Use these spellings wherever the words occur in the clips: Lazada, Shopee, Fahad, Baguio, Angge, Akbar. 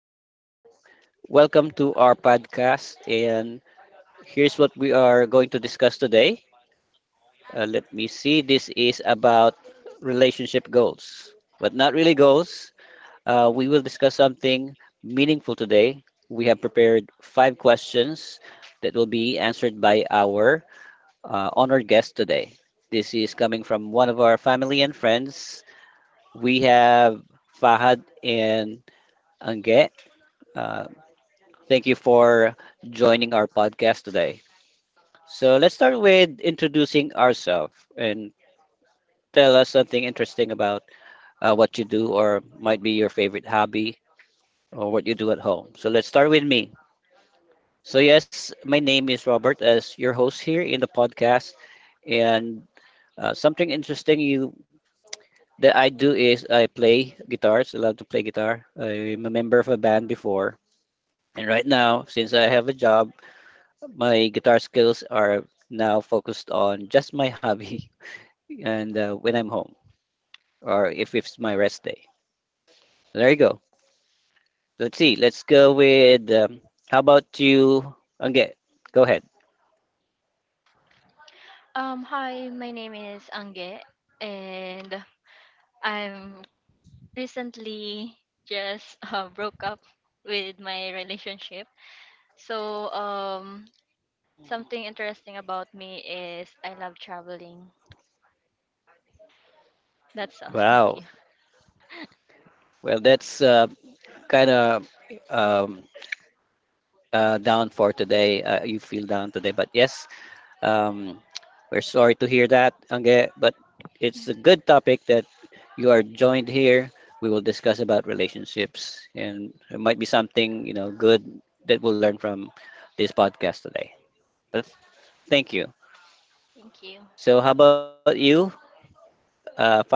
morning. Welcome to our podcast. And here's what we are going to discuss today. Let me see. This is about relationship goals, but not really goals. We will discuss something meaningful today. We have prepared five questions that will be answered by our honored guest today. This is coming from one of our family and friends. We have Fahad and Ange. Uh, Thank you for joining our podcast today. So let's start with introducing ourselves and tell us something interesting about what you do or might be your favorite hobby or what you do at home. So let's start with me. So yes, my name is Robert as your host here in the podcast and something interesting you that I do is I play guitars. I love to play guitar. I'm a member of a band before. And right now, since I have a job, my guitar skills are now focused on just my hobby and when I'm home or if it's my rest day. There you go. Let's see. Let's go with how about you? Okay, go ahead. Hi, my name is Ange, and I'm recently just broke up with my relationship. So, something interesting about me is I love traveling. That's all. Thank Wow. you. Well, that's kind of um, down for today. You feel down today, but yes, Um, we're sorry to hear that, Angge, but it's Mm, a good topic that you are joined here. We will discuss about relationships, and it might be something you know good that we'll learn from this podcast today. But thank you. Thank you. So, how about you, Fahad?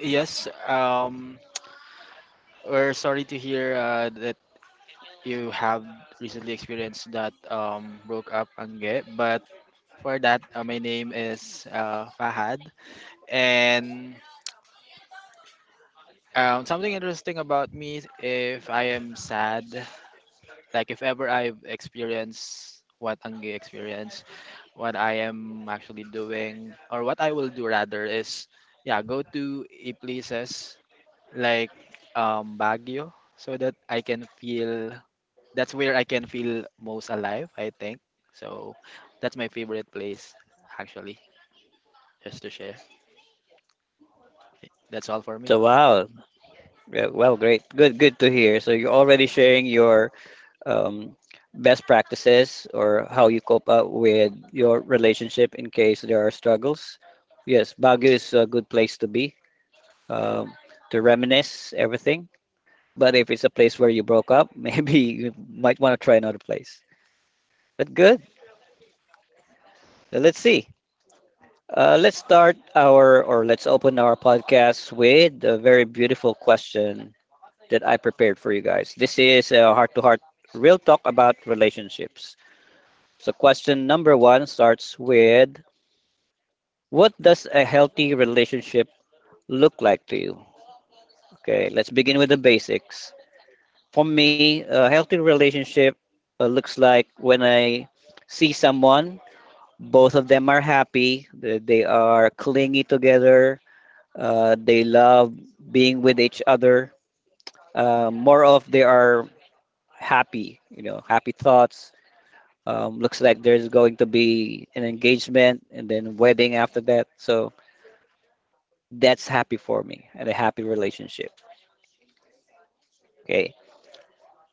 Yes, um, we're sorry to hear that you have recently experienced that broke up, Angge. But for that, my name is Fahad, and something interesting about me if I am sad. Like if ever I've experienced what Angge experienced, what I am actually doing or what I will do rather is yeah, go to a places like Baguio so that I can feel that's where I can feel most alive, I think. So that's my favorite place actually, just to share. That's all for me. So, wow, yeah, well, great, good, good to hear. So, you're already sharing your um, best practices or how you cope up with your relationship in case there are struggles. Yes, Baguio is a good place to be, um, to reminisce everything. But if it's a place where you broke up, maybe you might want to try another place. But good. Let's see. Let's start our, or let's open our podcast with a very beautiful question that I prepared for you guys. This is a heart to heart real talk about relationships. So, question number one starts with: what does a healthy relationship look like to you? Okay, let's begin with the basics. For me, a healthy relationship looks like when I see someone, both of them are happy, they are clingy together, they love being with each other. More of they are happy, you know, happy thoughts. Looks like there's going to be an engagement and then wedding after that. So that's happy for me and a happy relationship. Okay,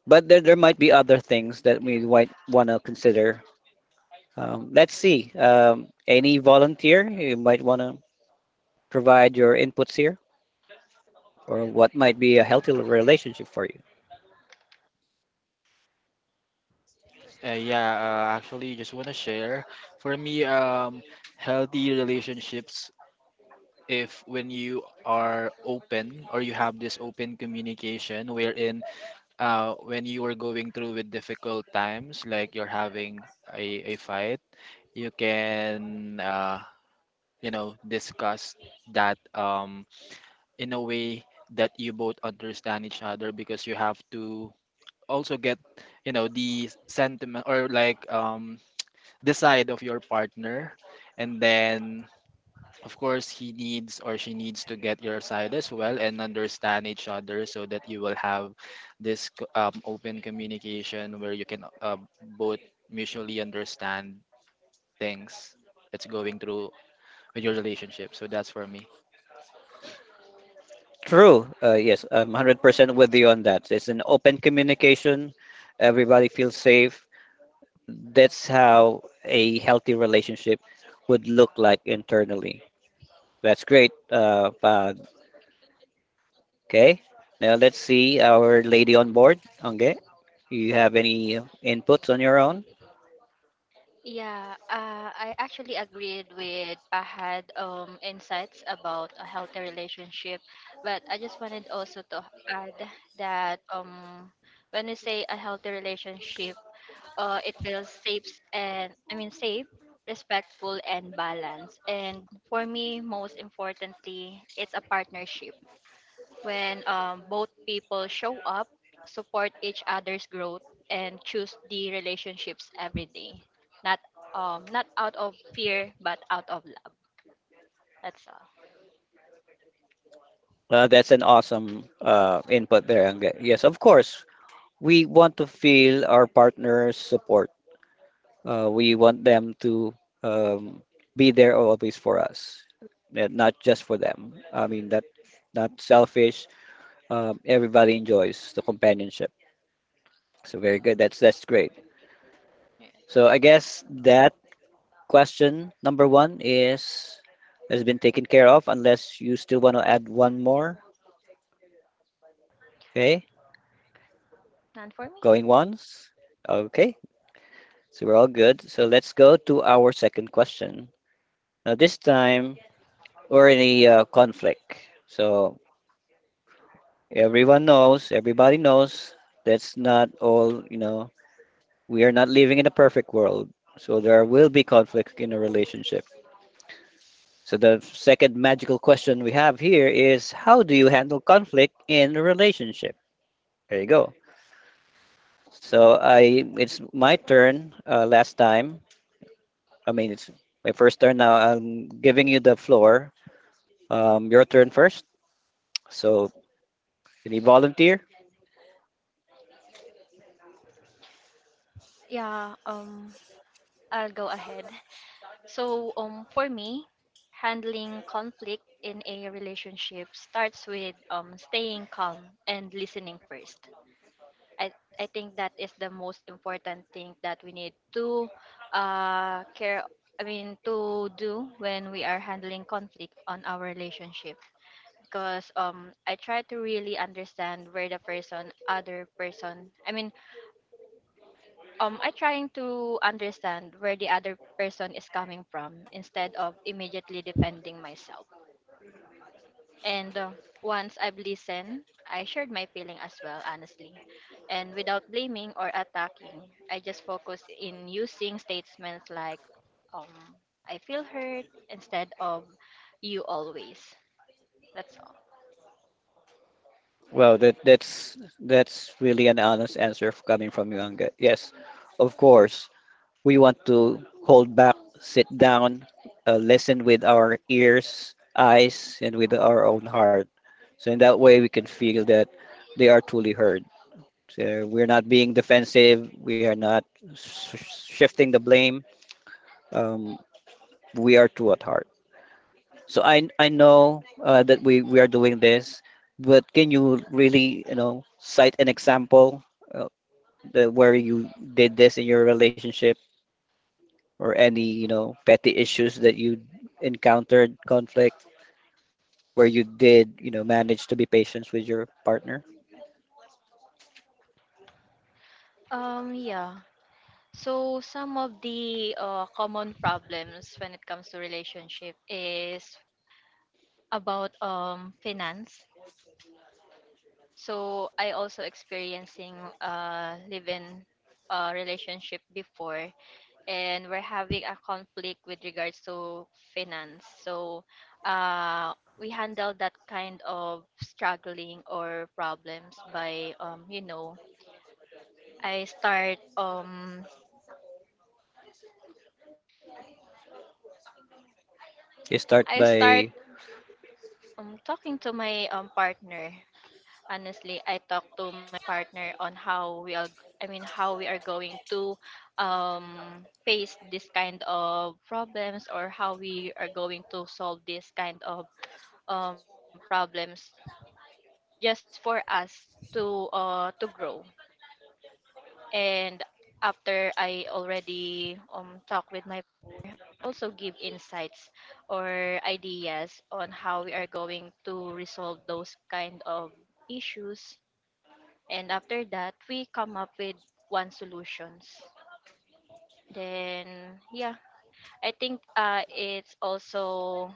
but there might be other things that we might want to consider. Let's see, any volunteer you might want to provide your inputs here or what might be a healthy relationship for you? Yeah, Actually just want to share for me healthy relationships if when you are open or you have this open communication wherein when you are going through with difficult times like you're having a fight. You can discuss that in a way that you both understand each other because you have to also get you know the sentiment or like the side of your partner, and then of course he needs or she needs to get your side as well and understand each other so that you will have this open communication where you can both mutually understand things that's going through with your relationship. So that's for me. True, yes, I'm 100% with you on that. It's an open communication, everybody feels safe. That's how a healthy relationship would look like internally. That's great. Pa. Okay. Now let's see our lady on board. Okay. You have any inputs on your own? Yeah, I actually agreed with Pahad insights about a healthy relationship, but I just wanted also to add that when we say a healthy relationship it feels safe, and I mean safe, respectful and balanced. And for me, most importantly, it's a partnership when both people show up, support each other's growth, and choose the relationships every day. Not not out of fear, but out of love. That's all. That's an awesome input there. Okay. Yes, of course. We want to feel our partner's support. We want them to um, be there always for us, and not just for them. I mean, that not selfish. Everybody enjoys the companionship. So very good. That's great. So I Yes. guess that question number one is has been taken care of unless you still want to add one more. Okay, None for me. going once. Okay, so we're all good. So let's go to our second question. Now this time we're in a conflict. So everyone knows, everybody knows that's not all, you know, we are not living in a perfect world. So there will be conflict in a relationship. So the second magical question we have here is: how do you handle conflict in a relationship? There you go. So I it's my turn last time. I mean, it's my first turn now. I'm giving you the floor. Your turn first. So can you volunteer? Yeah. I'll go ahead. So, for me, handling conflict in a relationship starts with staying calm and listening first. I, I think that is the most important thing that we need to care. I mean, to do when we are handling conflict on our relationship. Because I try to really understand where other person, I mean, I trying to understand where the other person is coming from instead of immediately defending myself. And once I've listened, I shared my feeling as well, honestly. And without blaming or attacking, I just focus in using statements like um I feel hurt instead of you always. That's all. Well, that's really an honest answer coming from you, Angga. Yes, of course, we want to hold back, sit down, listen with our ears, eyes, and with our own heart. So in that way, we can feel that they are truly heard. So we're not being defensive. We are not shifting the blame. Um, we are true at heart. So I know that we are doing this, but can you really you know cite an example uh, that where you did this in your relationship? Or any, you know, petty issues that you encountered, conflict where you did, you know, manage to be patient with your partner? Yeah. So some of the common problems when it comes to relationship is about finance. So I also experiencing live-in relationship before, and we're having a conflict with regards to finance. So uh, we handle that kind of struggling or problems by you know I start. You start I by start um talking to my partner. Honestly, I talk to my partner on how we are, I mean, how we are going to face this kind of problems, or how we are going to solve this kind of problems just for us to grow, and after I already talk with my, also give insights or ideas on how we are going to resolve those kind of issues. And after that, we come up with one solutions. Then yeah, I think it's also,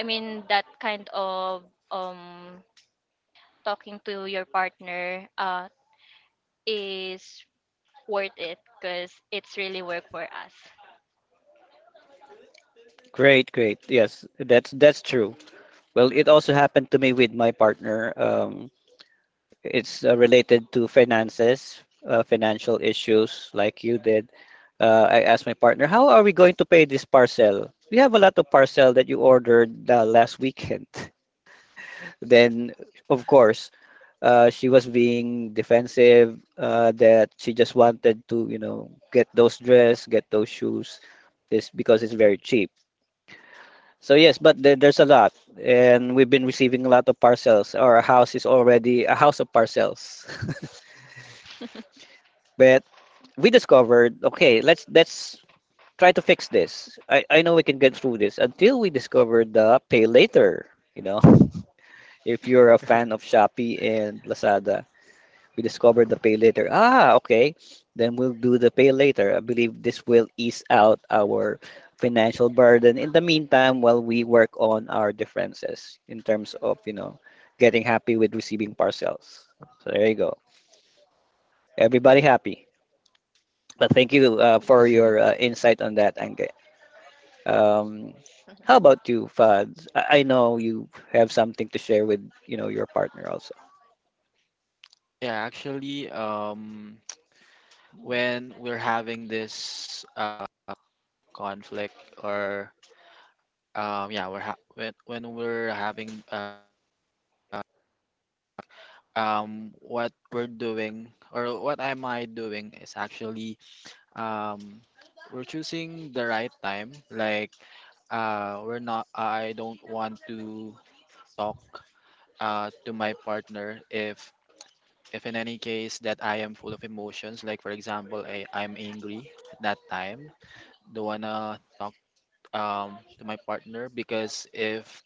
I mean, that kind of um talking to your partner is worth it because it's really work for us. great, great. Yes, that's true. Well, it also happened to me with my partner. It's related to finances, financial issues, like you did. I asked my partner, "How are we going to pay this parcel? We have a lot of parcel that you ordered last weekend." Then, of course, she was being defensive, that she just wanted to, you know, get those dress, get those shoes, this because it's very cheap. So yes, but there's a lot, and we've been receiving a lot of parcels. Our house is already a house of parcels. But we discovered, okay, let's try to fix this. I know we can get through this until we discovered the pay later. You know, if you're a fan of Shopee and Lazada, we discovered the pay later. Ah, okay. Then we'll do the pay later. I believe this will ease out our financial burden in the meantime while we work on our differences in terms of, you know, getting happy with receiving parcels. So there you go. Everybody happy. But thank you for your Yes. Insight on that, Ange. Um, how about you, Fads? I know you have something to share with, you know, your partner also. yeah actually when we're having this conflict or when we're having what we're doing or what am I doing is actually um we're choosing the right time. Like we're not, I don't want to talk to my partner if in any case that I am full of emotions, like for example I'm angry at that time. Don't wanna talk to my partner, because if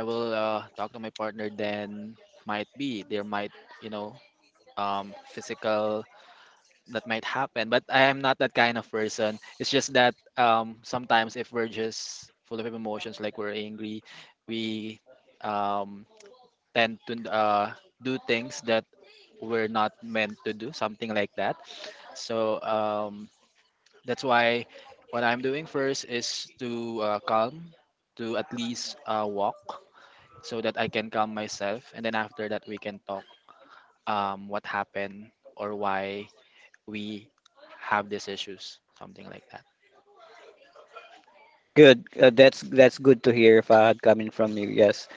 I will talk to my partner, then might be there might you know physical that might happen. But I am not that kind of person. It's just that sometimes if we're just full of emotions like we're angry, we um tend to do things that we're not meant to do, something like that. So that's why what I'm doing first is to calm, to at least walk so that I can calm myself, and then after that we can talk what happened or why we have these issues, something like that. Good. That's good to hear, Fahad, coming from you. Yes.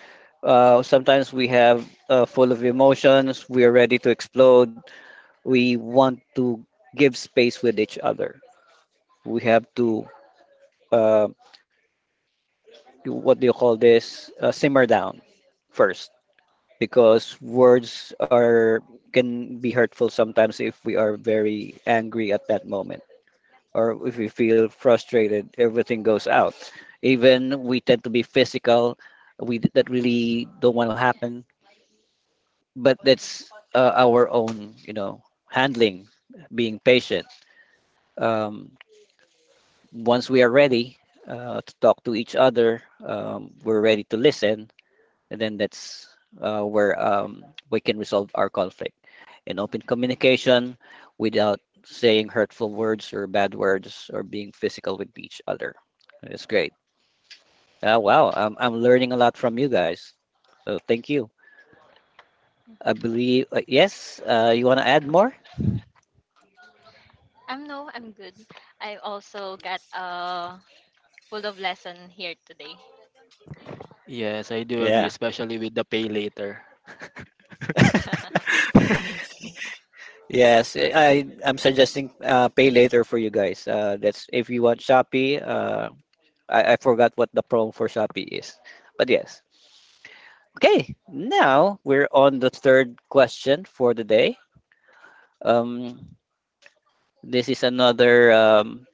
Sometimes we have full of emotions. We are ready to explode. We want to give space with each other. We have to uh, what do you call this? Simmer down first, because words are can be hurtful sometimes if we are very angry at that moment or if we feel frustrated. Everything goes out. Even we tend to be physical. We that really don't want to happen, but that's our own you know handling, being patient. Um, once we are ready to talk to each other, we're ready to listen, and then that's where we can resolve our conflict in open communication without saying hurtful words or bad words or being physical with each other. It's great. Wow, I'm learning a lot from you guys, so thank you. I believe Yes, you want to add more? I'm no, I'm good. I also got a full of lesson here today. Yes, I do agree, Yeah. especially with the pay later. Yes, I'm suggesting pay later for you guys. That's if you want Shopee. I forgot what the promo for Shopee is, but yes. Okay, now we're on the third question for the day. Um, this is another um,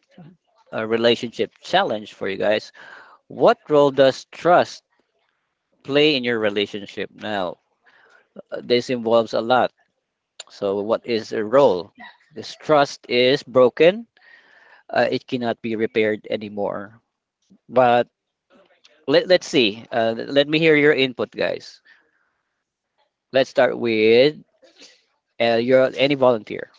uh relationship challenge for you guys. What role does trust play in your relationship now? This involves a lot. So, what is a role? This trust is broken. It cannot be repaired anymore. But let's see. Let me hear your input, guys. Let's start with your any volunteer.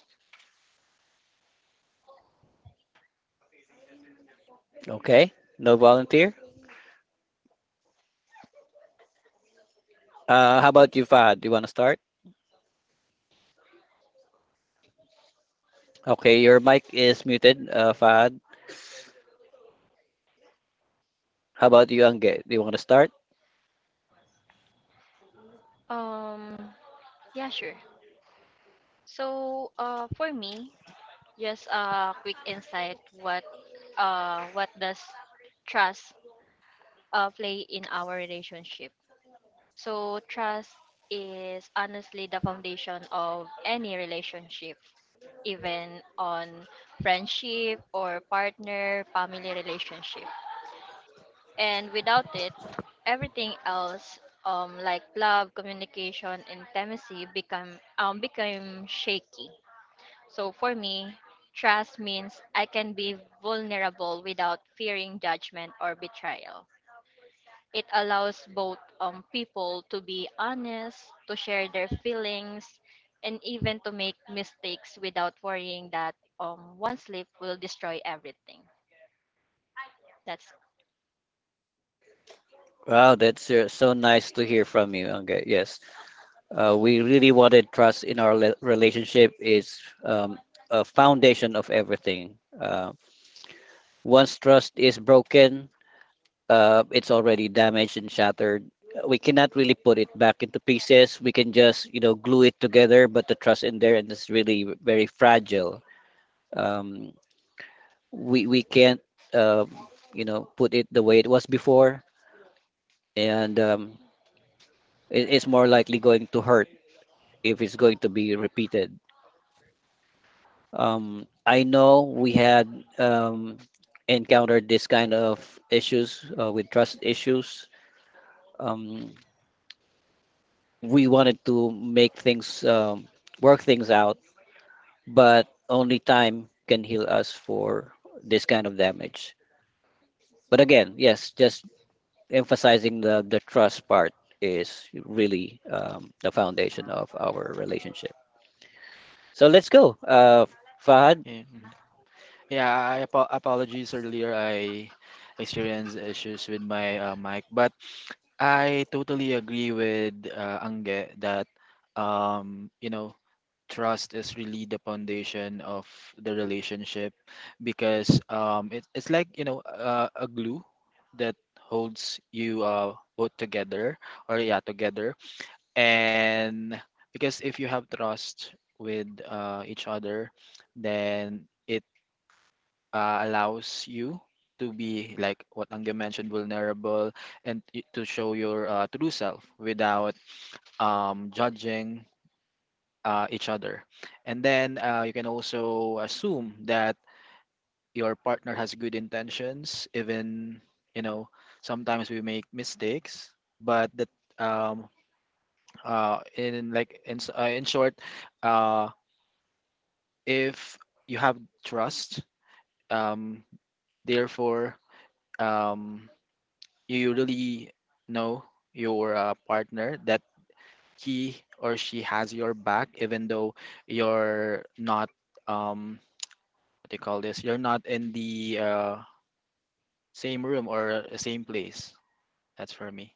Okay, no volunteer. How about you, Fahad? Do you want to start? Okay, your mic is muted, Fahad. How about you, Angge? Do you want to start? um yeah, sure. So for me, just a quick insight. What does trust play in our relationship? So trust is honestly the foundation of any relationship, even on friendship or partner, family relationship. And without it, everything else like love, communication, intimacy become become shaky. So for me, trust means I can be vulnerable without fearing judgment or betrayal. It allows both people to be honest, to share their feelings, and even to make mistakes without worrying that one slip will destroy everything. That's Wow, that's so nice to hear from you, Angge. Yes, we really wanted trust in our relationship is a foundation of everything. Once trust is broken, it's already damaged and shattered. We cannot really put it back into pieces. We can just, you know, glue it together, but the trust in there and it's really very fragile. Um, we can't, uh, you know, put it the way it was before, and it's more likely going to hurt if it's going to be repeated. I know we had encountered this kind of issues with trust issues. Um, we wanted to make things work things out, but only time can heal us for this kind of damage. But again, yes, just emphasizing the trust part is really the foundation of our relationship. So let's go, Fahad. Yeah, mhm. Yeah, I apologies earlier. I experienced issues with my mic, but I totally agree with Angge that you know, trust is really the foundation of the relationship, because it's like, you know, a glue that holds you both together, or yeah, together. And because if you have trust with each other, then it allows you to be, like what Angge mentioned, vulnerable, and to show your true self without judging each other. And then you can also assume that your partner has good intentions, even you know sometimes we make mistakes. But that um, in like in, s- In short, uh, if you have trust, um, therefore, um, you really know your partner, that he or she has your back, even though you're not, um, what do you call this? You're not in the same room or same place. That's for me.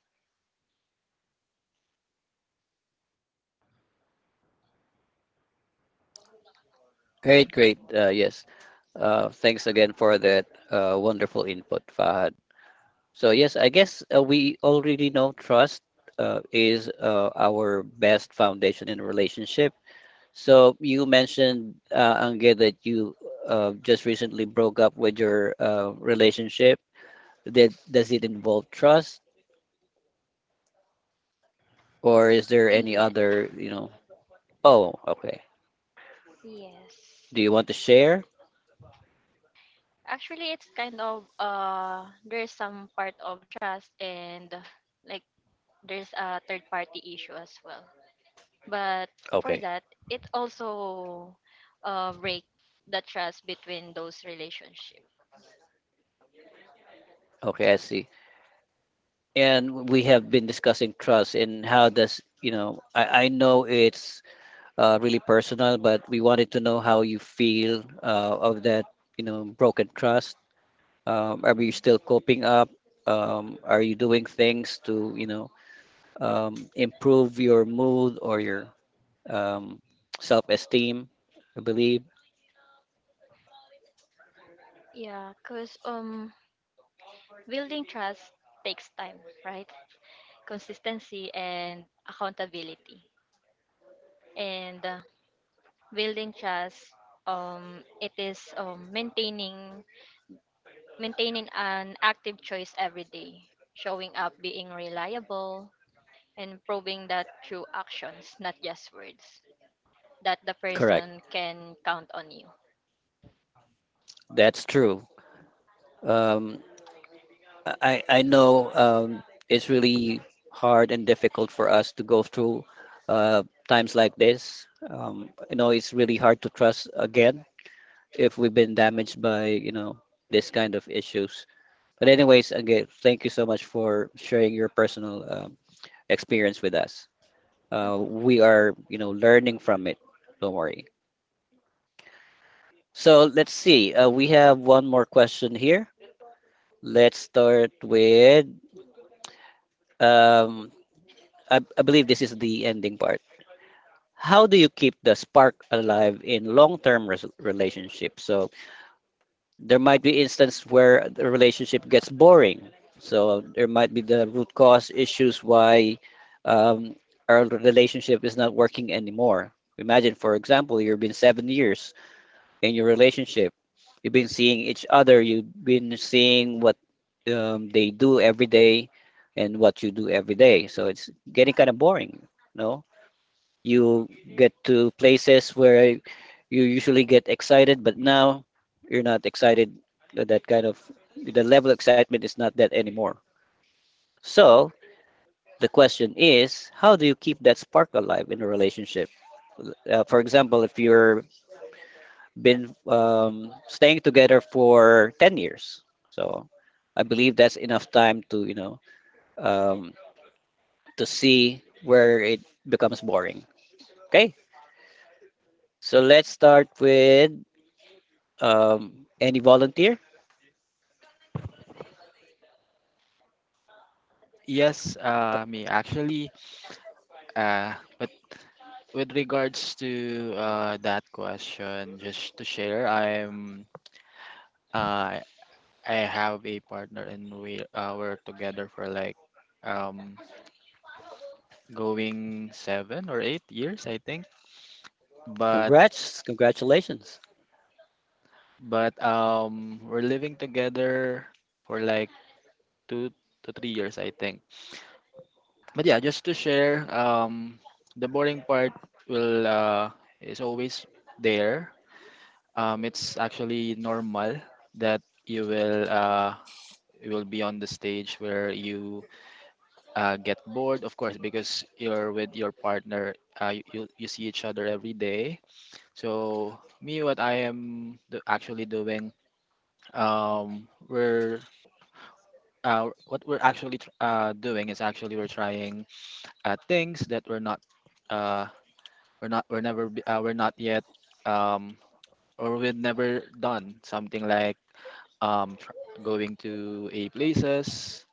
Great, great, yes, thanks again for that wonderful input, Fahad. So yes, I guess we already know trust is our best foundation in a relationship. So you mentioned, Angge, that you just recently broke up with your relationship. Did, does it involve trust, or is there any yeah, other, you know? Oh, okay. yes. Do you want to share? Actually, it's kind of there's some part of trust, and like there's a third party issue as well. But for Okay, that, it also break the trust between those relationship. okay, I see. And we have been discussing trust and how does, you know, I know it's really personal, but we wanted to know how you feel of that, you know, broken trust. Are you Mhm. still coping up? Are you doing things to, you know, improve your mood or your um, self-esteem? I believe. Yeah, because building trust takes time, right? Consistency and accountability. And building trust, it is maintaining an active choice every day, showing up, being reliable, and proving that through actions, not just words, that the Correct. person can count on you. That's true. Um, I know it's really hard and difficult for us to go through uh, times like this. You know, it's really hard to trust again if we've been damaged by, you know, this kind of issues. But anyways, again, thank you so much for sharing your personal experience with us. Mhm. We are, you know, learning from it. Don't worry. So let's see. We have one more question here. Let's start with. Um, I believe this is the ending part. How do you keep the spark alive in long-term relationships? So there might be instance where the relationship gets boring. So there might be the root cause issues why um, our relationship is not working anymore. Imagine, for example, you've been 7 years in your relationship. You've been seeing each other. You've been seeing what they do every day and what you do every day. So it's getting kind of boring, no? You get to places where you usually get excited, but now you're not excited. That kind of, the level of excitement is not that anymore. So the question is, how do you keep that spark alive in a relationship? For example, if you're been staying together for 10 years, so I believe that's enough time to, you know, um, to see where it becomes boring. Okay, so let's start with. Any volunteer? Yes, me actually, but with regards to that question, just to share, uh, I have a partner and we were together for like um going 7 or 8 years, I think. But Congrats, congratulations. We're living together for like 2 to 3 years, I think. But yeah, just to share, the boring part will is always there. It's actually normal that you will uh you will be on the stage where you get bored, of course, because you're with your partner, you see each other every day. So me, what I am actually doing, we're what we're actually tr- doing is actually we're trying things that we're not, uh, we're not, we're never, be- we're not yet, um, or we've never done, something like um tr- going to a places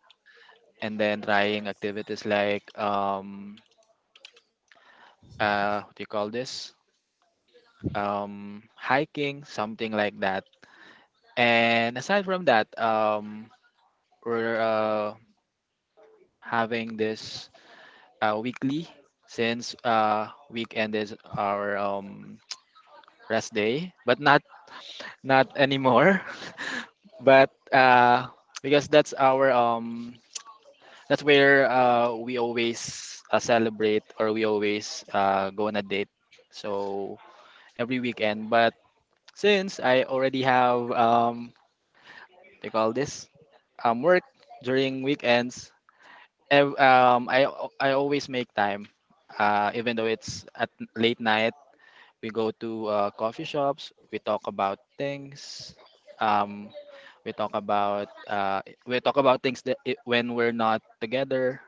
and then trying activities like what do you call this, hiking, something like that. And aside from that, we're having this weekly, since weekend is our rest day, but not, not anymore. But because that's our that's where we always celebrate or we always go on a date, so every weekend. But since I already have they call this work during weekends. I always make time, even though it's at late night. We go to coffee shops. We talk about things. Um, we talk about things that I when we're not together,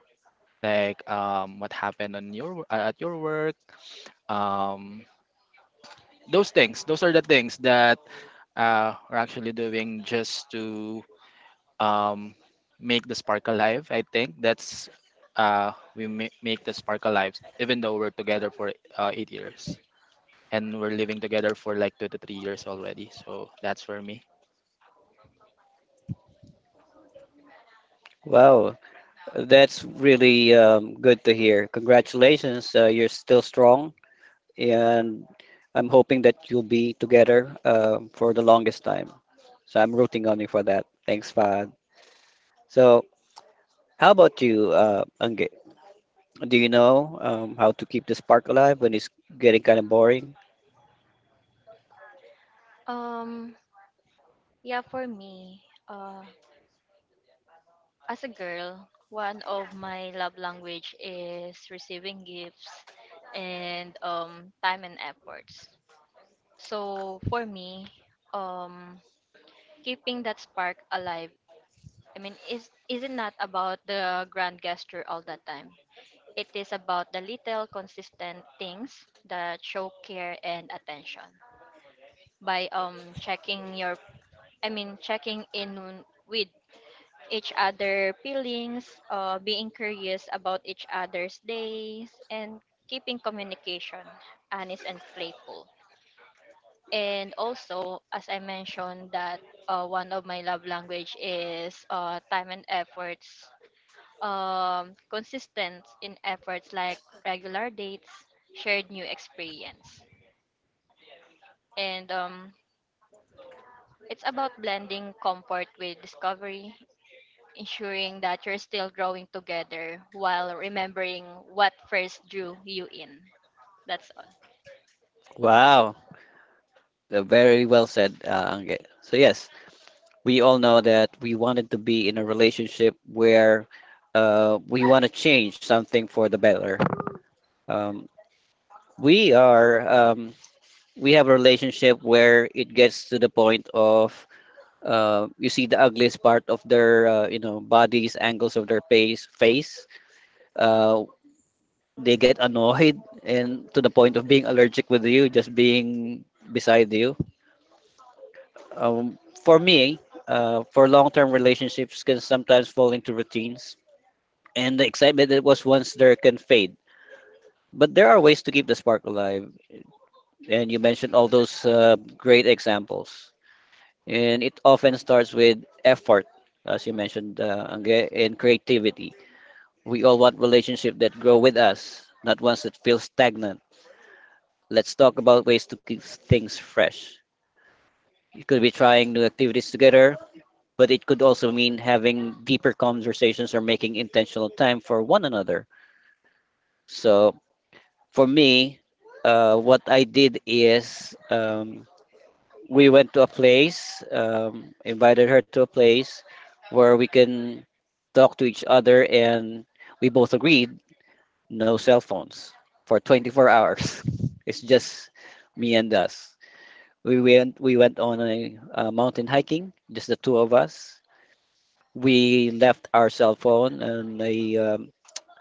like what happened on your at your work. Um, those things. Those are the things that we're actually doing just to um, make the spark alive. I think that's make the spark alive, even though we're together for 8 years and we're living together for like 2 to 3 years already. So that's for me. Wow, that's really good to hear. Congratulations, you're still strong, and I'm hoping that you'll be together for the longest time. So I'm rooting on you for that. Thanks, Fahad. So, how about you, Angge? Do you know how to keep the spark alive when it's getting kind of boring? Um, yeah, for me, as a girl, one of my love language is receiving gifts and time and efforts. So for me, um, keeping that spark alive, I mean, is it not about the grand gesture all the time? It is about the little consistent things that show care and attention by checking your I mean, checking in with each other feelings, being curious about each other's days, and keeping communication honest and playful. And also, as I mentioned, that one of my love language is time and efforts, consistent in efforts like regular dates, shared new experience, and it's about blending comfort with discovery, ensuring that you're still growing together while remembering what first drew you in. That's all. Wow, very well said, Angge. So, yes, we all know that we wanted to be in a relationship where we want to change something for the better. Um, we are um, we have a relationship where it gets to the point of you see the ugliest part of their, you know, bodies, angles of their face. Uh, they get annoyed and to the point of being allergic with you, just being beside you. Um, for me, for long-term relationships can sometimes fall into routines and the excitement that was once there can fade. But there are ways to keep the spark alive, and you mentioned all those great examples. And it often starts with effort, as you mentioned, Angge, and creativity. We all want relationships that grow with us, not ones that feel stagnant. Let's talk about ways to keep things fresh. It could be trying new activities together, but it could also mean having deeper conversations or making intentional time for one another. So for me, what I did is, we went to a place, invited her to a place where we can talk to each other, and we both agreed no cell phones for 24 hours. It's just me and us. We went on a, mountain hiking, just the two of us. We left our cell phone in a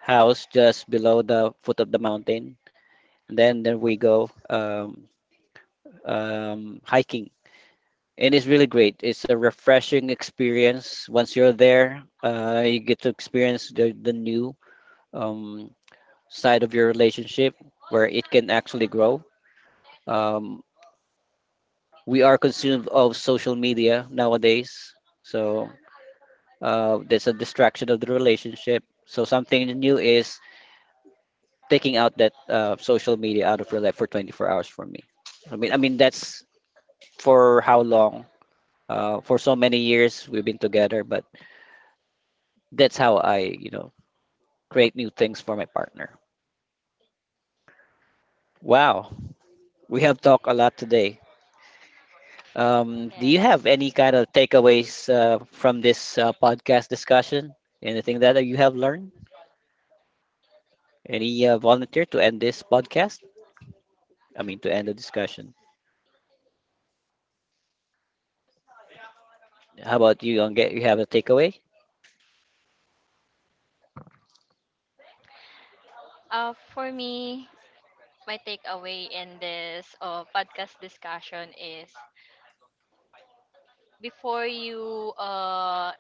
house just below the foot of the mountain. And then there we go. Hiking. And it's really great. It's a refreshing experience. Once you're there, you get to experience the new um, side of your relationship where it can actually grow. Um, we are consumed of social media nowadays. So there's a distraction of the relationship. So something new is taking out that social media out of your life for 24 hours for me. I mean that's for how long? For so many years we've been together, but that's how I, you know, create new things for my partner. Wow, we have talked a lot today. Do you Yes. have any kind of takeaways from this podcast discussion? Anything that you have learned? Any volunteer to end this podcast? I mean, to end the discussion. How about you, Angge? You have a takeaway? For me, my takeaway in this podcast discussion is before you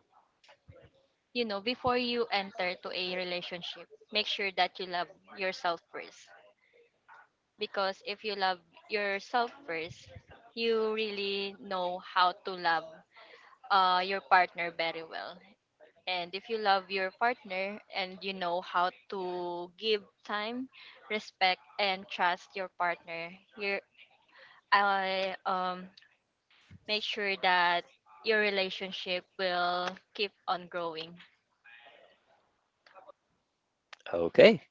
you know before you enter to a relationship, make sure that you love yourself first. Because if you love yourself first, you really know how to love your partner very well. And if you love your partner and you know how to give time, respect, and trust your partner, you I make sure that your relationship will keep on growing. Okay,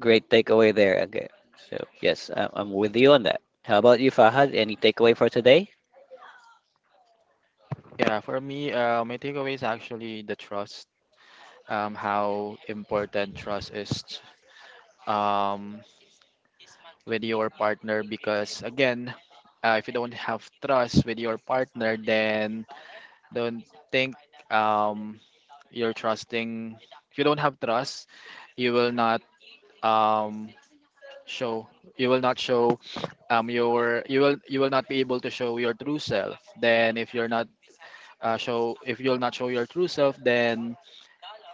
great takeaway there, Angge. So, yes, I'm with you on that. How about you, Fahad? Any takeaway for today? Yeah, for me, my takeaway is actually the trust. How important trust is um, with your partner, because again, if you don't have trust with your partner, then don't think um you're trusting. If you don't have trust, you will not um show. You will not show you will not be able to show your true self. Then if you're not, show if you'll not show your true self, then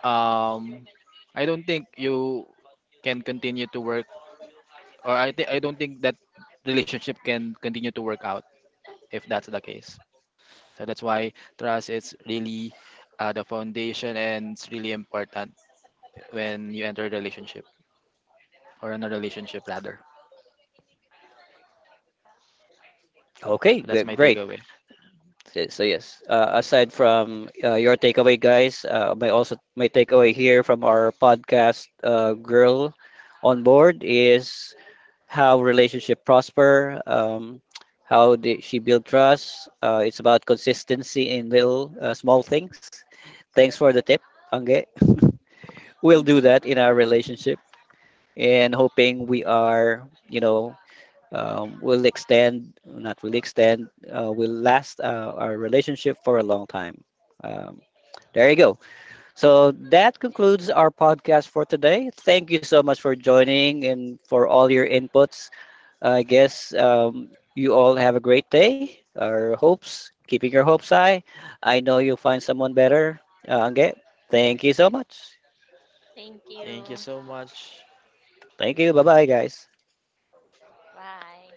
um I don't think you can continue to work, or I think I don't think that relationship can continue to work out if that's the case. So that's why trust is really the foundation, and it's really important when you enter a relationship, or in a relationship rather. Okay, So that's good, my great. takeaway. So, so yes, aside from your takeaway, guys, my also my takeaway here from our podcast, girl on board, is how relationship prosper, how did she build trust. It's about consistency in little small things. Thanks for the tip, Angge. We'll do that in our relationship and hoping we are, you know, will extend, not really extend, will last our relationship for a long time. Um, there you go. So that concludes our podcast for today. Thank you so much for joining and for all your inputs. I guess you all have a great day. Our hopes, keeping your hopes high. I know you'll find someone better. Okay. Thank you so much. Thank Thank you. you so much, Thank you. Bye bye, guys. Bye.